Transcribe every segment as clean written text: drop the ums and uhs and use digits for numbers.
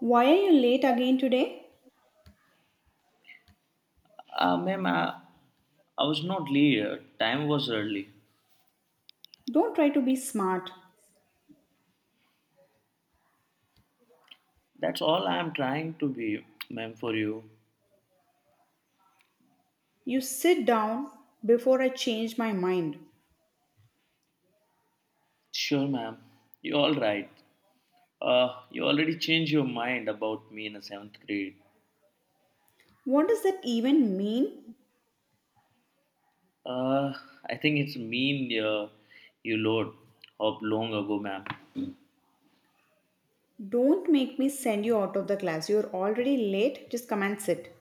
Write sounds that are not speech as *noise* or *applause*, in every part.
Why are you late again today? Ma'am, I was not late. Time was early. Don't try to be smart. That's all I am trying to be, ma'am, for you. You sit down before I change my mind. Sure, ma'am. You're all right. You already changed your mind about me in the seventh grade. What does that even mean? Uh, I think it's mean you load up long ago, ma'am. Don't make me send you out of the class. You're already late. Just come and sit.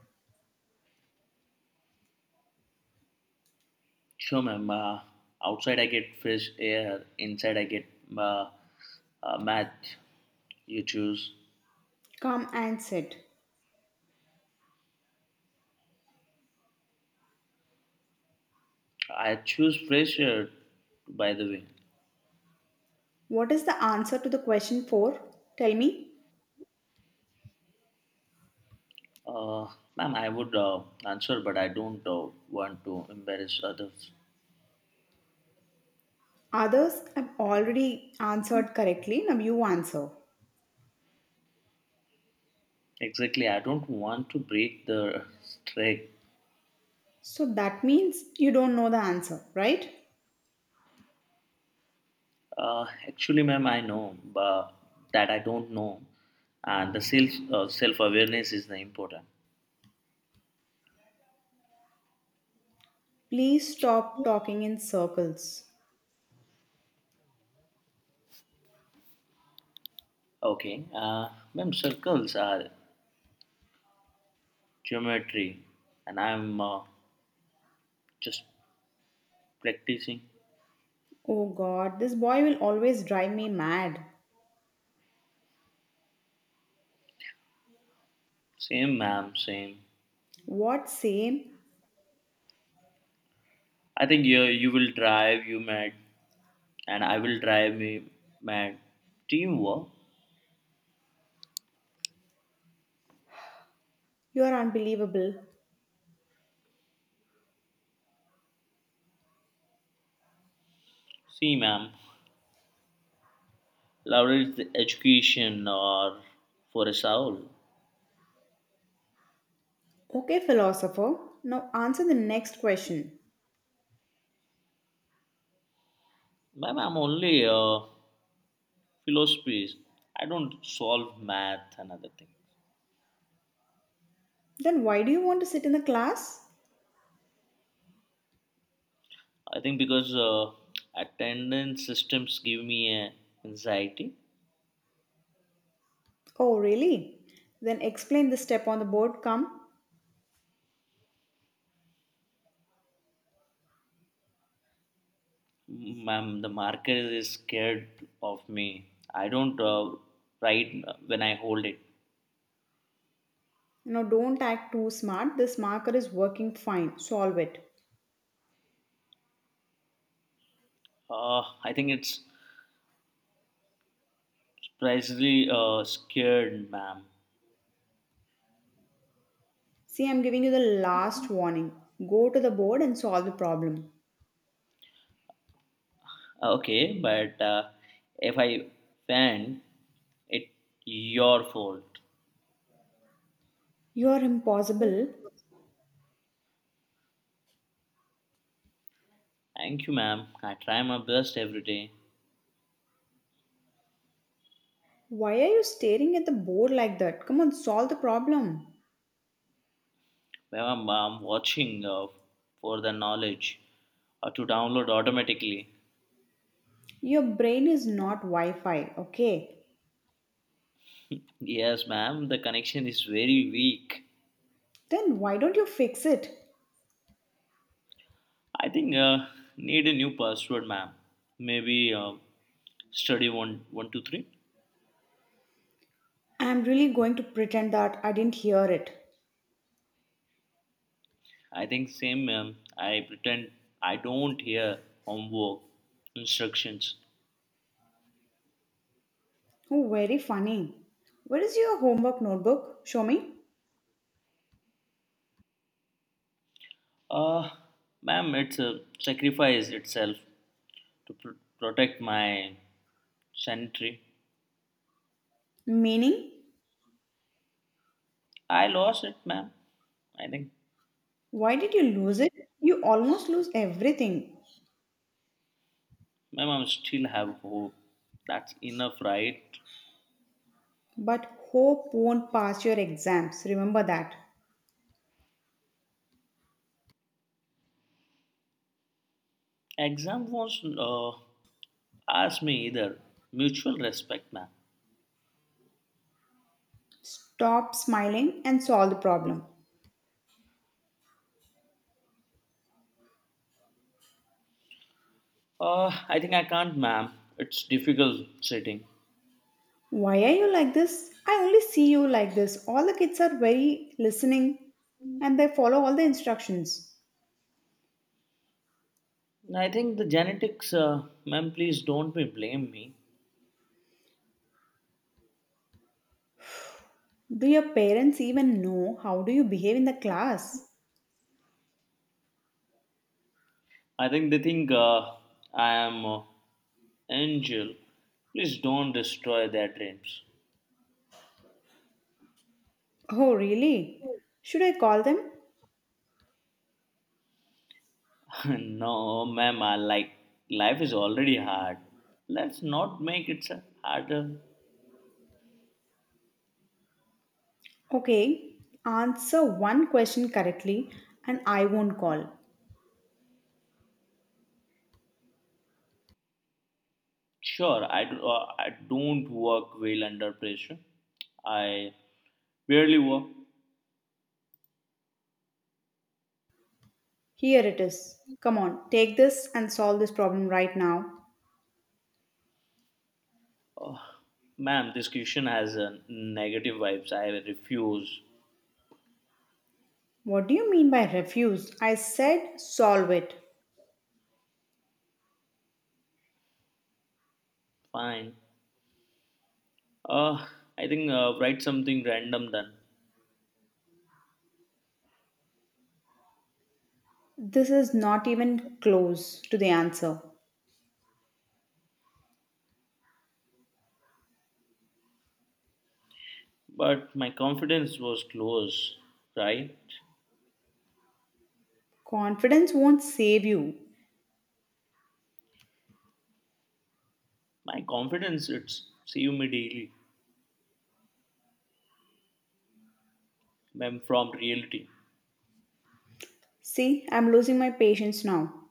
Sure, ma'am. Outside I get fresh air. Inside I get uh, math. You choose. Come and sit. I choose fresh air, by the way. What is the answer to the question 4? Tell me. Uh, Ma'am, I would answer, but I don't want to embarrass others. Others have already answered correctly. Now you answer. Exactly, I don't want to break the streak. So that means you don't know the answer, right? Actually, ma'am, I know, but that I don't know, and the self awareness is the important. Please stop talking in circles. Okay, ma'am, circles are geometry, and I'm just practicing. Oh god, this boy will always drive me mad. Same, ma'am, same. What same? I think you will drive you mad, and I will drive me mad. Teamwork. You are unbelievable. See, ma'am, leverage the education or for a soul. Okay, philosopher, now answer the next question. Ma'am, I'm only philosophies. I don't solve math and other things. Then why do you want to sit in the class? I think because attendance systems give me a anxiety. Oh, really? Then explain the step on the board, come. Ma'am, the marker is scared of me. I don't write when I hold it. Now don't act too smart. This marker is working fine. Solve it. I think it's surprisingly scared, ma'am. See, I'm giving you the last warning. Go to the board and solve the problem. Okay, but if I faint, it's your fault. You are impossible. Thank you, ma'am. I try my best every day. Why are you staring at the board like that? Come on, solve the problem. Ma'am, I'm watching for the knowledge to download automatically. Your brain is not Wi Fi, okay? Yes, ma'am. The connection is very weak. Then why don't you fix it? I think need a new password, ma'am. Maybe study 1123. I'm really going to pretend that I didn't hear it. I think same, ma'am. I pretend I don't hear homework instructions. Oh, very funny. Where is your homework notebook? Show me. Uh, Ma'am, it's a sacrifice itself. To protect my sanitary. Meaning, I lost it, ma'am. I think, why did you lose it? You almost lose everything. ma'am, I still have hope. That's enough, right? But hope won't pass your exams, remember that. Exam was asked me either. Mutual respect, ma'am. Stop smiling and solve the problem. I think I can't, ma'am. It's difficult sitting. Why are you like this? I only see you like this. All the kids are very listening and they follow all the instructions. I think the genetics, ma'am, please don't be blame me. Do your parents even know how do you behave in the class? I think they think I am angel. Please don't destroy their dreams. Oh, really? Should I call them? *laughs* No, ma'am, I like life is already hard. Let's not make it so harder. Okay, answer one question correctly and I won't call. Sure, I don't work well under pressure. I barely work. Here it is. Come on, take this and solve this problem right now. Oh, ma'am, this question has a negative vibes. I refuse. What do you mean by refuse? I said solve it. Fine. Uh, I think write something random then. This is not even close to the answer. But my confidence was close, right? Confidence won't save you. My confidence, it's save me daily, ma'am, from reality. See, I'm losing my patience now.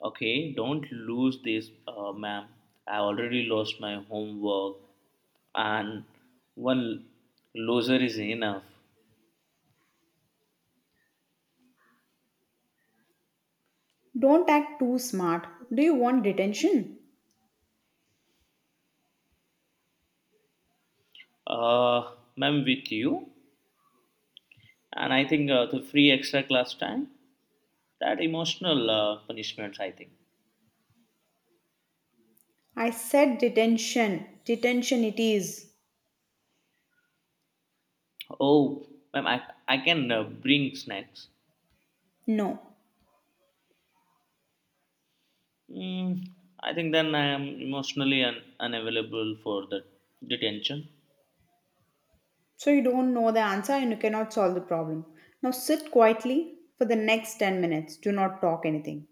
Okay, don't lose this, ma'am. I already lost my homework, and one loser is enough. Don't act too smart. Do you want detention? Ma'am, with you, and I think the free extra class time, that emotional punishments, I think. I said detention. Detention it is. Oh, ma'am, I can bring snacks. No. Mm, I think then I am emotionally unavailable for the detention. So you don't know the answer and you cannot solve the problem. Now sit quietly for the next 10 minutes. Do not talk anything.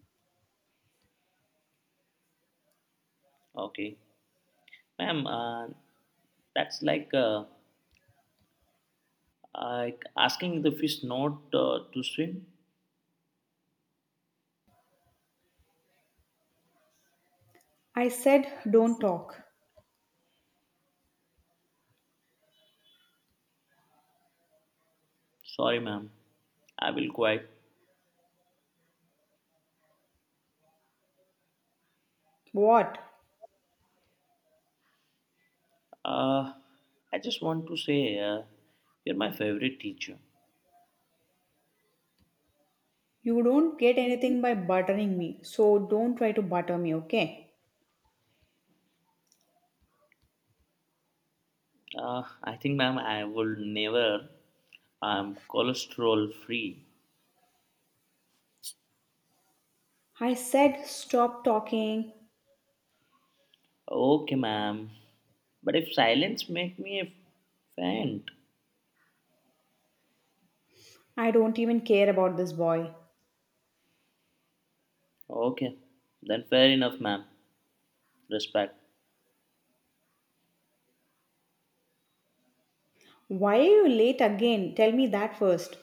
Okay, ma'am, that's like. Like asking the fish not to swim. I said don't talk. Sorry, ma'am. I will quiet. What? Uh, I just want to say you're my favorite teacher. You don't get anything by buttering me. So don't try to butter me, okay? I think, ma'am, I will never. I'm cholesterol free. I said stop talking. Okay, ma'am. But if silence make me faint. I don't even care about this boy. Okay, then fair enough, ma'am. Respect. Why are you late again? Tell me that first.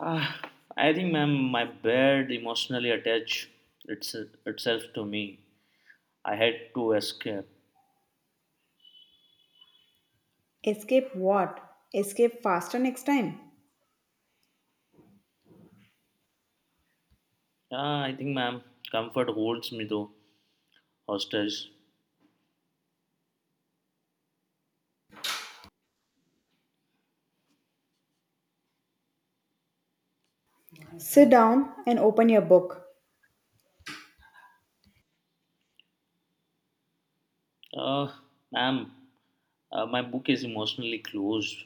Ah, I think, ma'am, my bed emotionally attached it's, itself to me. I had to escape. Escape what? Escape faster next time. Ah, I think, ma'am, comfort holds me though, hostage. Sit down and open your book. Uh, Ma'am, my book is emotionally closed.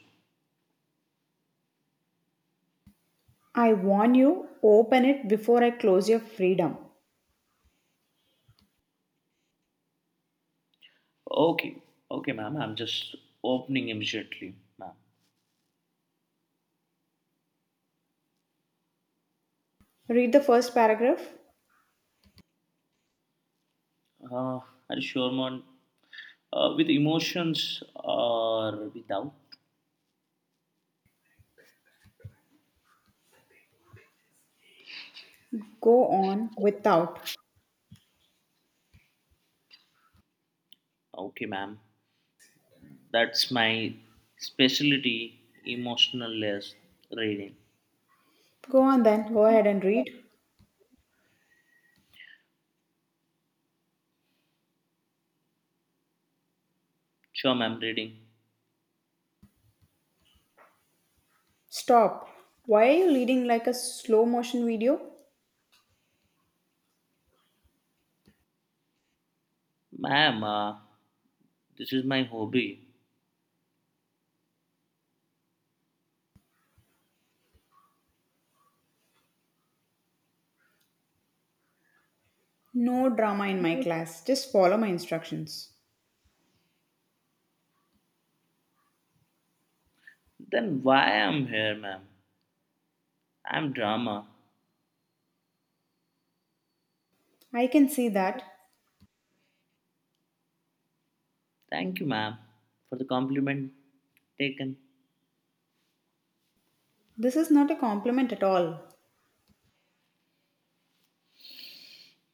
I warn you, open it before I close your freedom. Okay, okay, ma'am, I'm just opening immediately, ma'am. Read the first paragraph. Uh, are you sure, ma'am? With emotions or without? Go on without. Okay, ma'am. That's my specialty, emotionless reading. Go on then, go ahead and read. Sure, ma'am, reading. Stop. Why are you reading like a slow motion video? Ma'am, this is my hobby. No drama in my class. Just follow my instructions. Then why I'm here, ma'am? I'm drama. I can see that. Thank you, ma'am, for the compliment taken. This is not a compliment at all.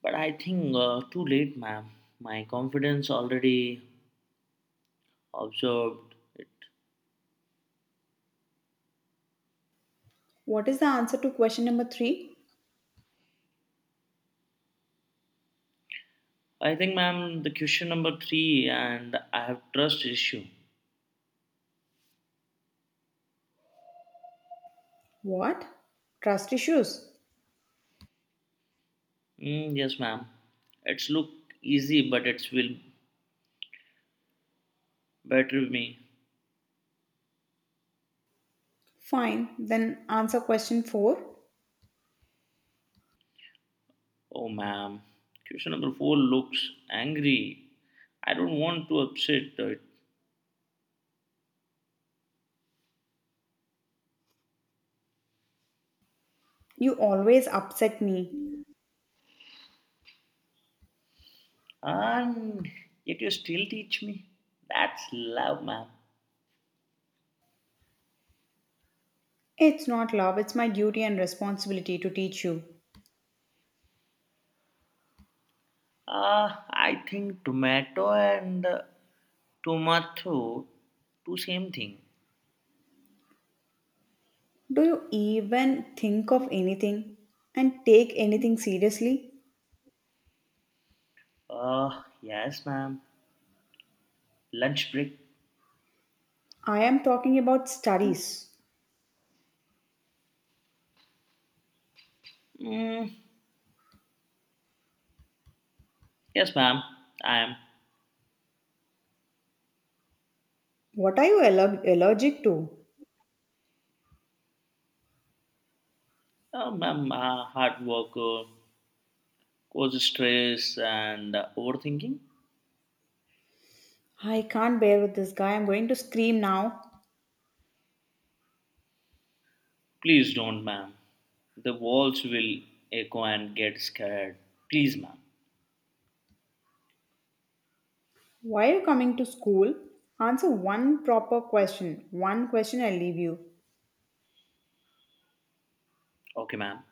But I think too late, ma'am. My confidence already observed it. What is the answer to question number three? I think, ma'am, the question number three, and I have trust issue. What? Trust issues. Mm, yes, ma'am. It's look easy, but it's will better me. Fine, then answer question four. Oh, ma'am. Question number four looks angry. I don't want to upset it. You always upset me. And yet you still teach me. That's love, ma'am. It's not love, it's my duty and responsibility to teach you. I think tomato and tomato, two same thing. Do you even think of anything and take anything seriously? Yes, ma'am. Lunch break. I am talking about studies. Mm, yes, ma'am. I am. What are you allergic to? Ma'am, hard worker, causes stress and overthinking. I can't bear with this guy. I'm going to scream now. Please don't, ma'am. The walls will echo and get scared. Please, ma'am. Why are you coming to school? Answer one proper question. One question I'll leave you. Okay, ma'am.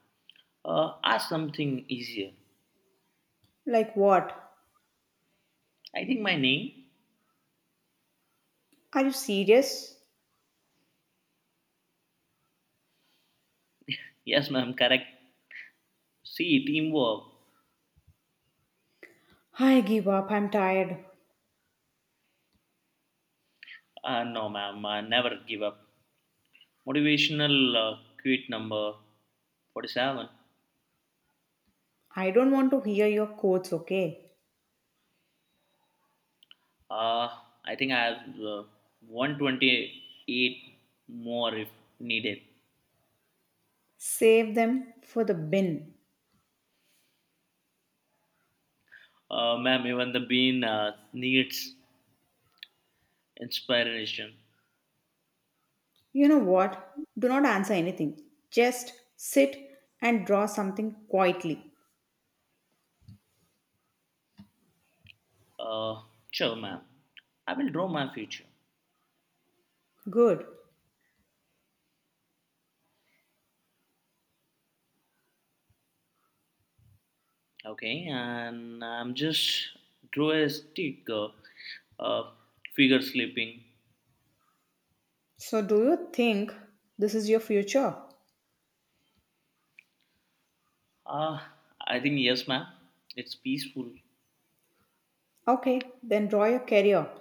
Ask something easier. Like what? I think my name. Are you serious? Yes, ma'am, correct. See, teamwork. I give up. I'm tired. No, ma'am, I never give up. Motivational uh, quote number 47. I don't want to hear your quotes, okay? Uh, I think I have 128 more if needed. Save them for the bin. Ma'am, even the bean needs inspiration. You know what? Do not answer anything. Just sit and draw something quietly. Uh, sure, ma'am. I will draw my future. Good. Okay, and I'm just draw a stick uh, figure sleeping. So, do you think this is your future? Uh, I think yes, ma'am. It's peaceful. Okay, then draw your career.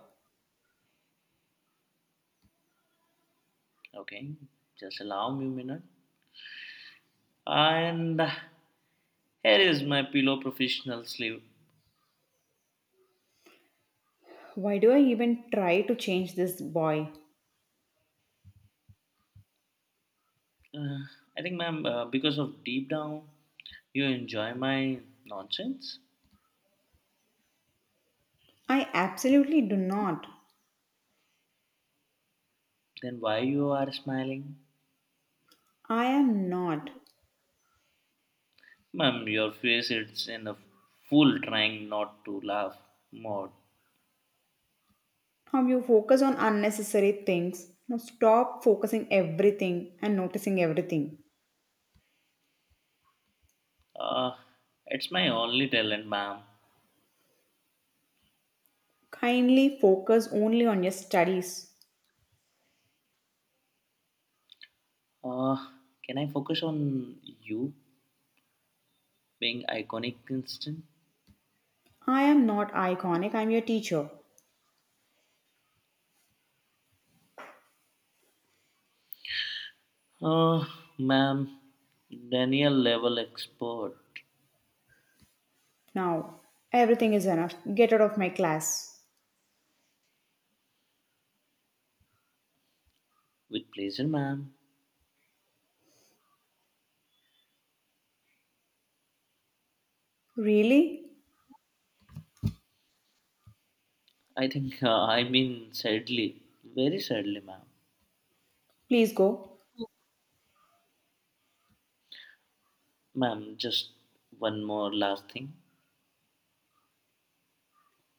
Okay, just allow me a minute. And here is my pillow professional sleeve. Why do I even try to change this boy? Uh, I think, ma'am, because of deep down, you enjoy my nonsense. I absolutely do not. Then why you are smiling, I am not. ma'am? Your face it's in a full trying not to laugh mode. How you focus on unnecessary things. Now stop focusing everything and noticing everything. Uh, it's my only talent, ma'am. Kindly focus only on your studies. Uh, can I focus on you being iconic instant? I am not iconic, I'm your teacher. Uh, Ma'am, Daniel level expert. Now, everything is enough. Get out of my class. With pleasure, ma'am. Really? I think, I mean, sadly, very sadly, ma'am. Please go. Ma'am, just one more last thing.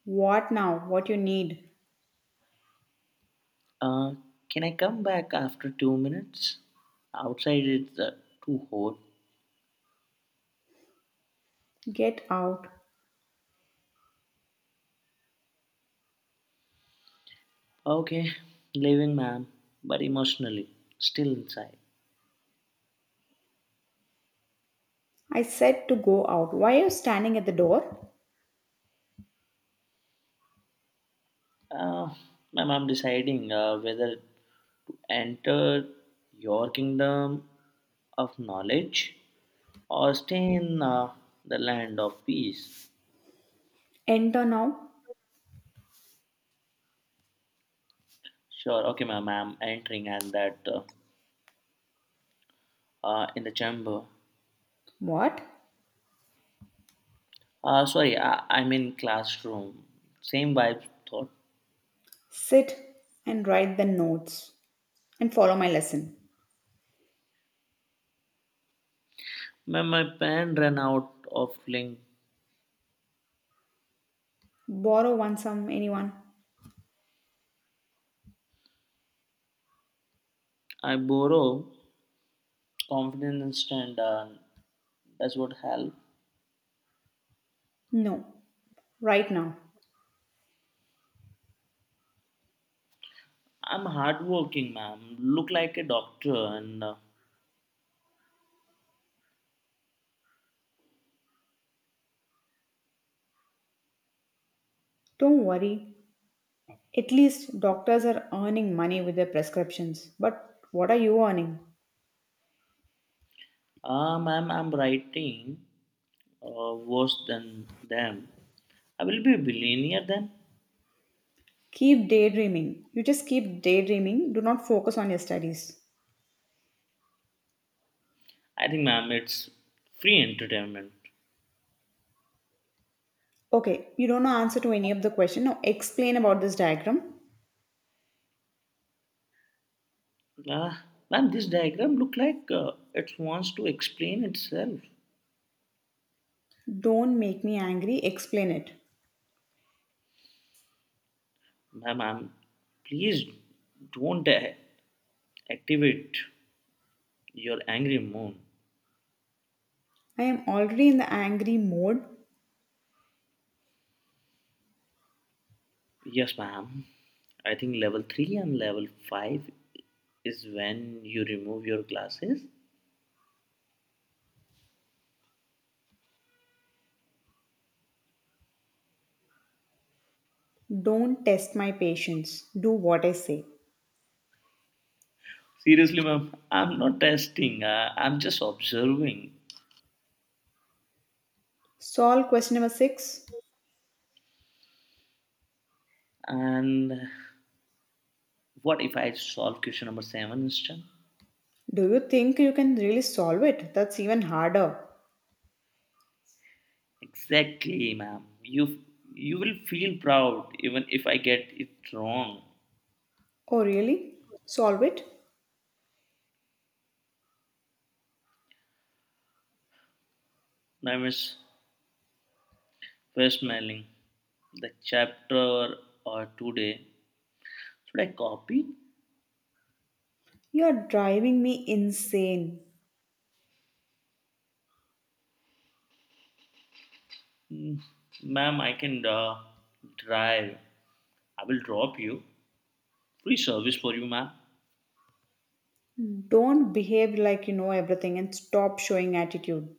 What now? What you need? Uh, can I come back after 2 minutes? Outside it's too hot. Get out. Okay, leaving, ma'am, but emotionally, still inside. I said to go out. Why are you standing at the door? Uh, Ma'am, I'm deciding whether to enter your kingdom of knowledge or stay in the land of peace. Enter now. Sure, okay, ma'am, I'm entering and that in the chamber. What? Sorry, I'm in classroom. Same vibe thought. Sit and write the notes and follow my lesson. Ma'am, my pen ran out of ink. Borrow one some anyone? I borrow confidence and that's what help. No. Right now. I'm hardworking, ma'am. Look like a doctor and. Don't worry. At least doctors are earning money with their prescriptions. But what are you earning? I'm writing worse than them. I will be a billionaire then. Keep daydreaming. You just keep daydreaming. Do not focus on your studies. I think, ma'am, it's free entertainment. Okay, you don't know answer to any of the question. Now explain about this diagram. Ah, ma'am, this diagram look like it wants to explain itself. Don't make me angry. Explain it. Ma'am, ma'am, please don't activate your angry moon. I am already in the angry mode. Yes, ma'am. I think level 3 and level 5 is when you remove your glasses. Don't test my patience. Do what I say. Seriously, ma'am, I'm not testing. I'm just observing. Solve question number six. And what if I solve question number seven instead? Do you think you can really solve it? That's even harder. Exactly, ma'am. You will feel proud even if I get it wrong. Oh, really? Solve it? Now, Miss Westmeling, the chapter or today should I copy? You're driving me insane. Mm, ma'am, I can drive. I will drop you. Free service for you, ma'am. Don't behave like you know everything and stop showing attitude.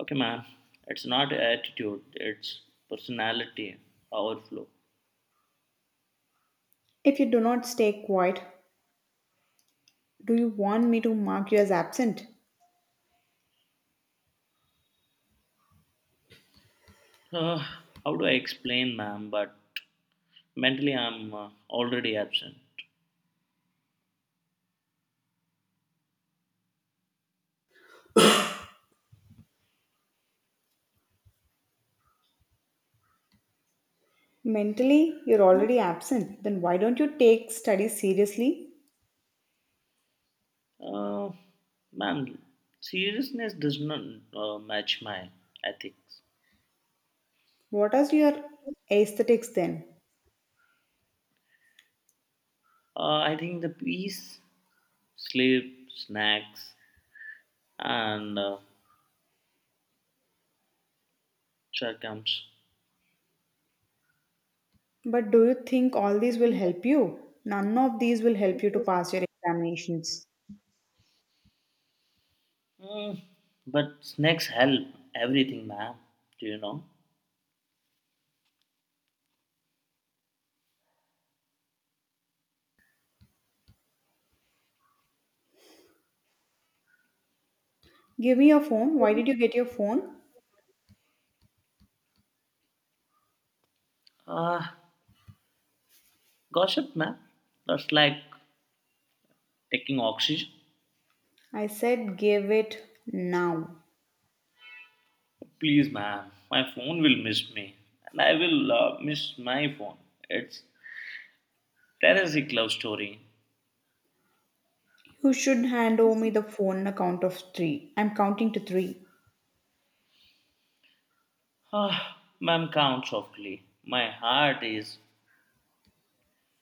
Okay, man. It's not attitude, it's personality overflow. If you do not stay quiet, do you want me to mark you as absent? Uh, how do I explain, ma'am? But mentally, I'm already absent. Mentally, you're already absent. Then why don't you take studies seriously? Uh, Ma'am, seriousness does not match my ethics. What are your aesthetics then? I think the peace, sleep, snacks, and chair comes. But do you think all these will help you? None of these will help you to pass your examinations. Mm, but snacks help everything, ma'am. Do you know? Give me your phone. Why did you get your phone? Uh, Gossip, ma'am. That's like taking oxygen. I said give it now. Please, ma'am, my phone will miss me, and I will miss my phone. It's Teresic love story. You should hand over me the phone on a count of three. I'm counting to three. Ah, ma'am, count softly. My heart is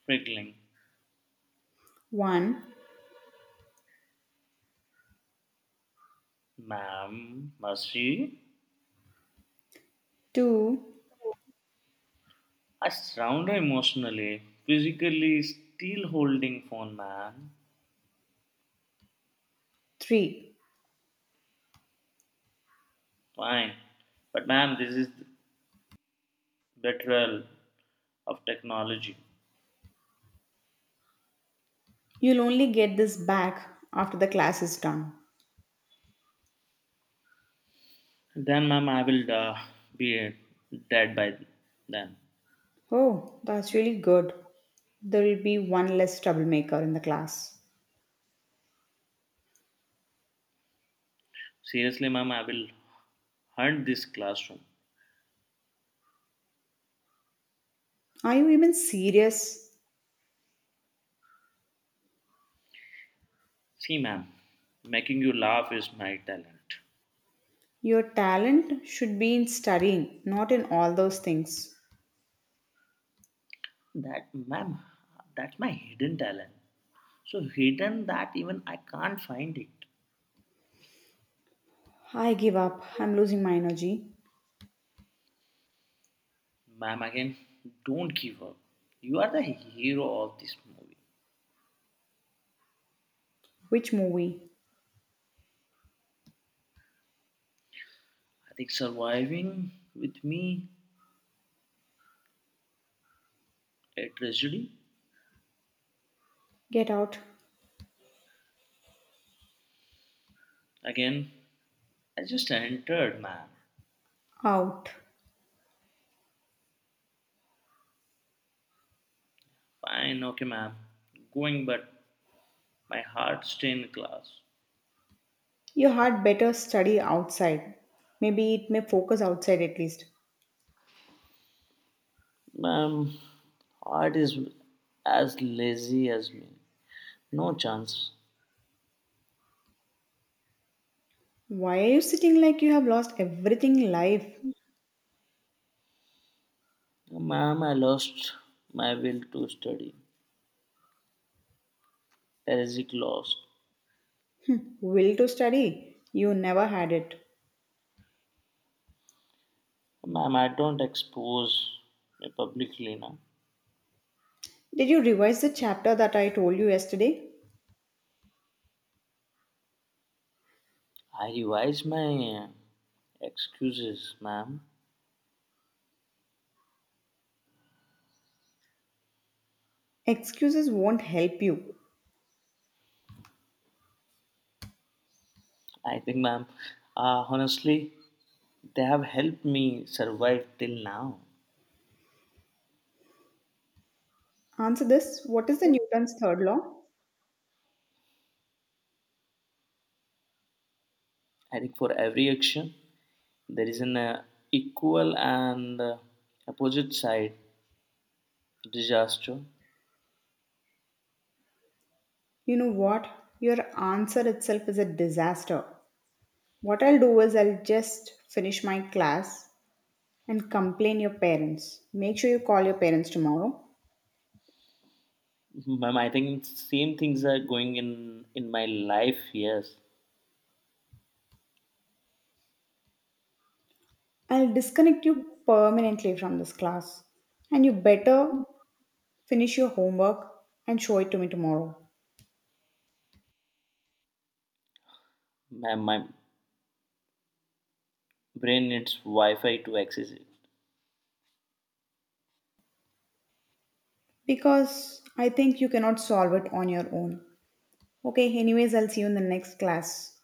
prickling. One, Ma'am, mercy. two, I surround her emotionally, physically still holding phone, ma'am. three. Fine, but ma'am, this is betrayal of technology. You'll only get this back after the class is done. Then, ma'am, I will be dead by then. Oh, that's really good. There will be one less troublemaker in the class. Seriously, ma'am, I will hunt this classroom. Are you even serious? See, ma'am, making you laugh is my talent. Your talent should be in studying, not in all those things. That, ma'am, that's my hidden talent. So hidden that even I can't find it. I give up. I'm losing my energy. Ma'am, again, don't give up. You are the hero of this movie. Which movie? I think surviving with me a tragedy. Get out. Again, I just entered, ma'am. Out. Fine, okay, ma'am. Going, but my heart's stay in class. You had better study outside. Maybe it may focus outside at least. Um, Art is as lazy as me. No chance. Why are you sitting like you have lost everything in life? Ma'am, I lost my will to study. Basic lost. Will to study? You never had it. Ma'am, I don't expose me publicly now. Did you revise the chapter that I told you yesterday? I revise my excuses, ma'am. Excuses won't help you. I think, ma'am, honestly, they have helped me survive till now. Answer this. What is the Newton's third law? I think for every action, there is an equal and opposite side disaster. You know what? Your answer itself is a disaster. What I'll do is I'll just finish my class and complain your parents. Make sure you call your parents tomorrow. Ma'am, I think same things are going in my life. Yes, I'll disconnect you permanently from this class. And you better finish your homework and show it to me tomorrow. ma'am, my brain needs Wi-Fi to access it. Because I think you cannot solve it on your own. Okay, anyways, I'll see you in the next class.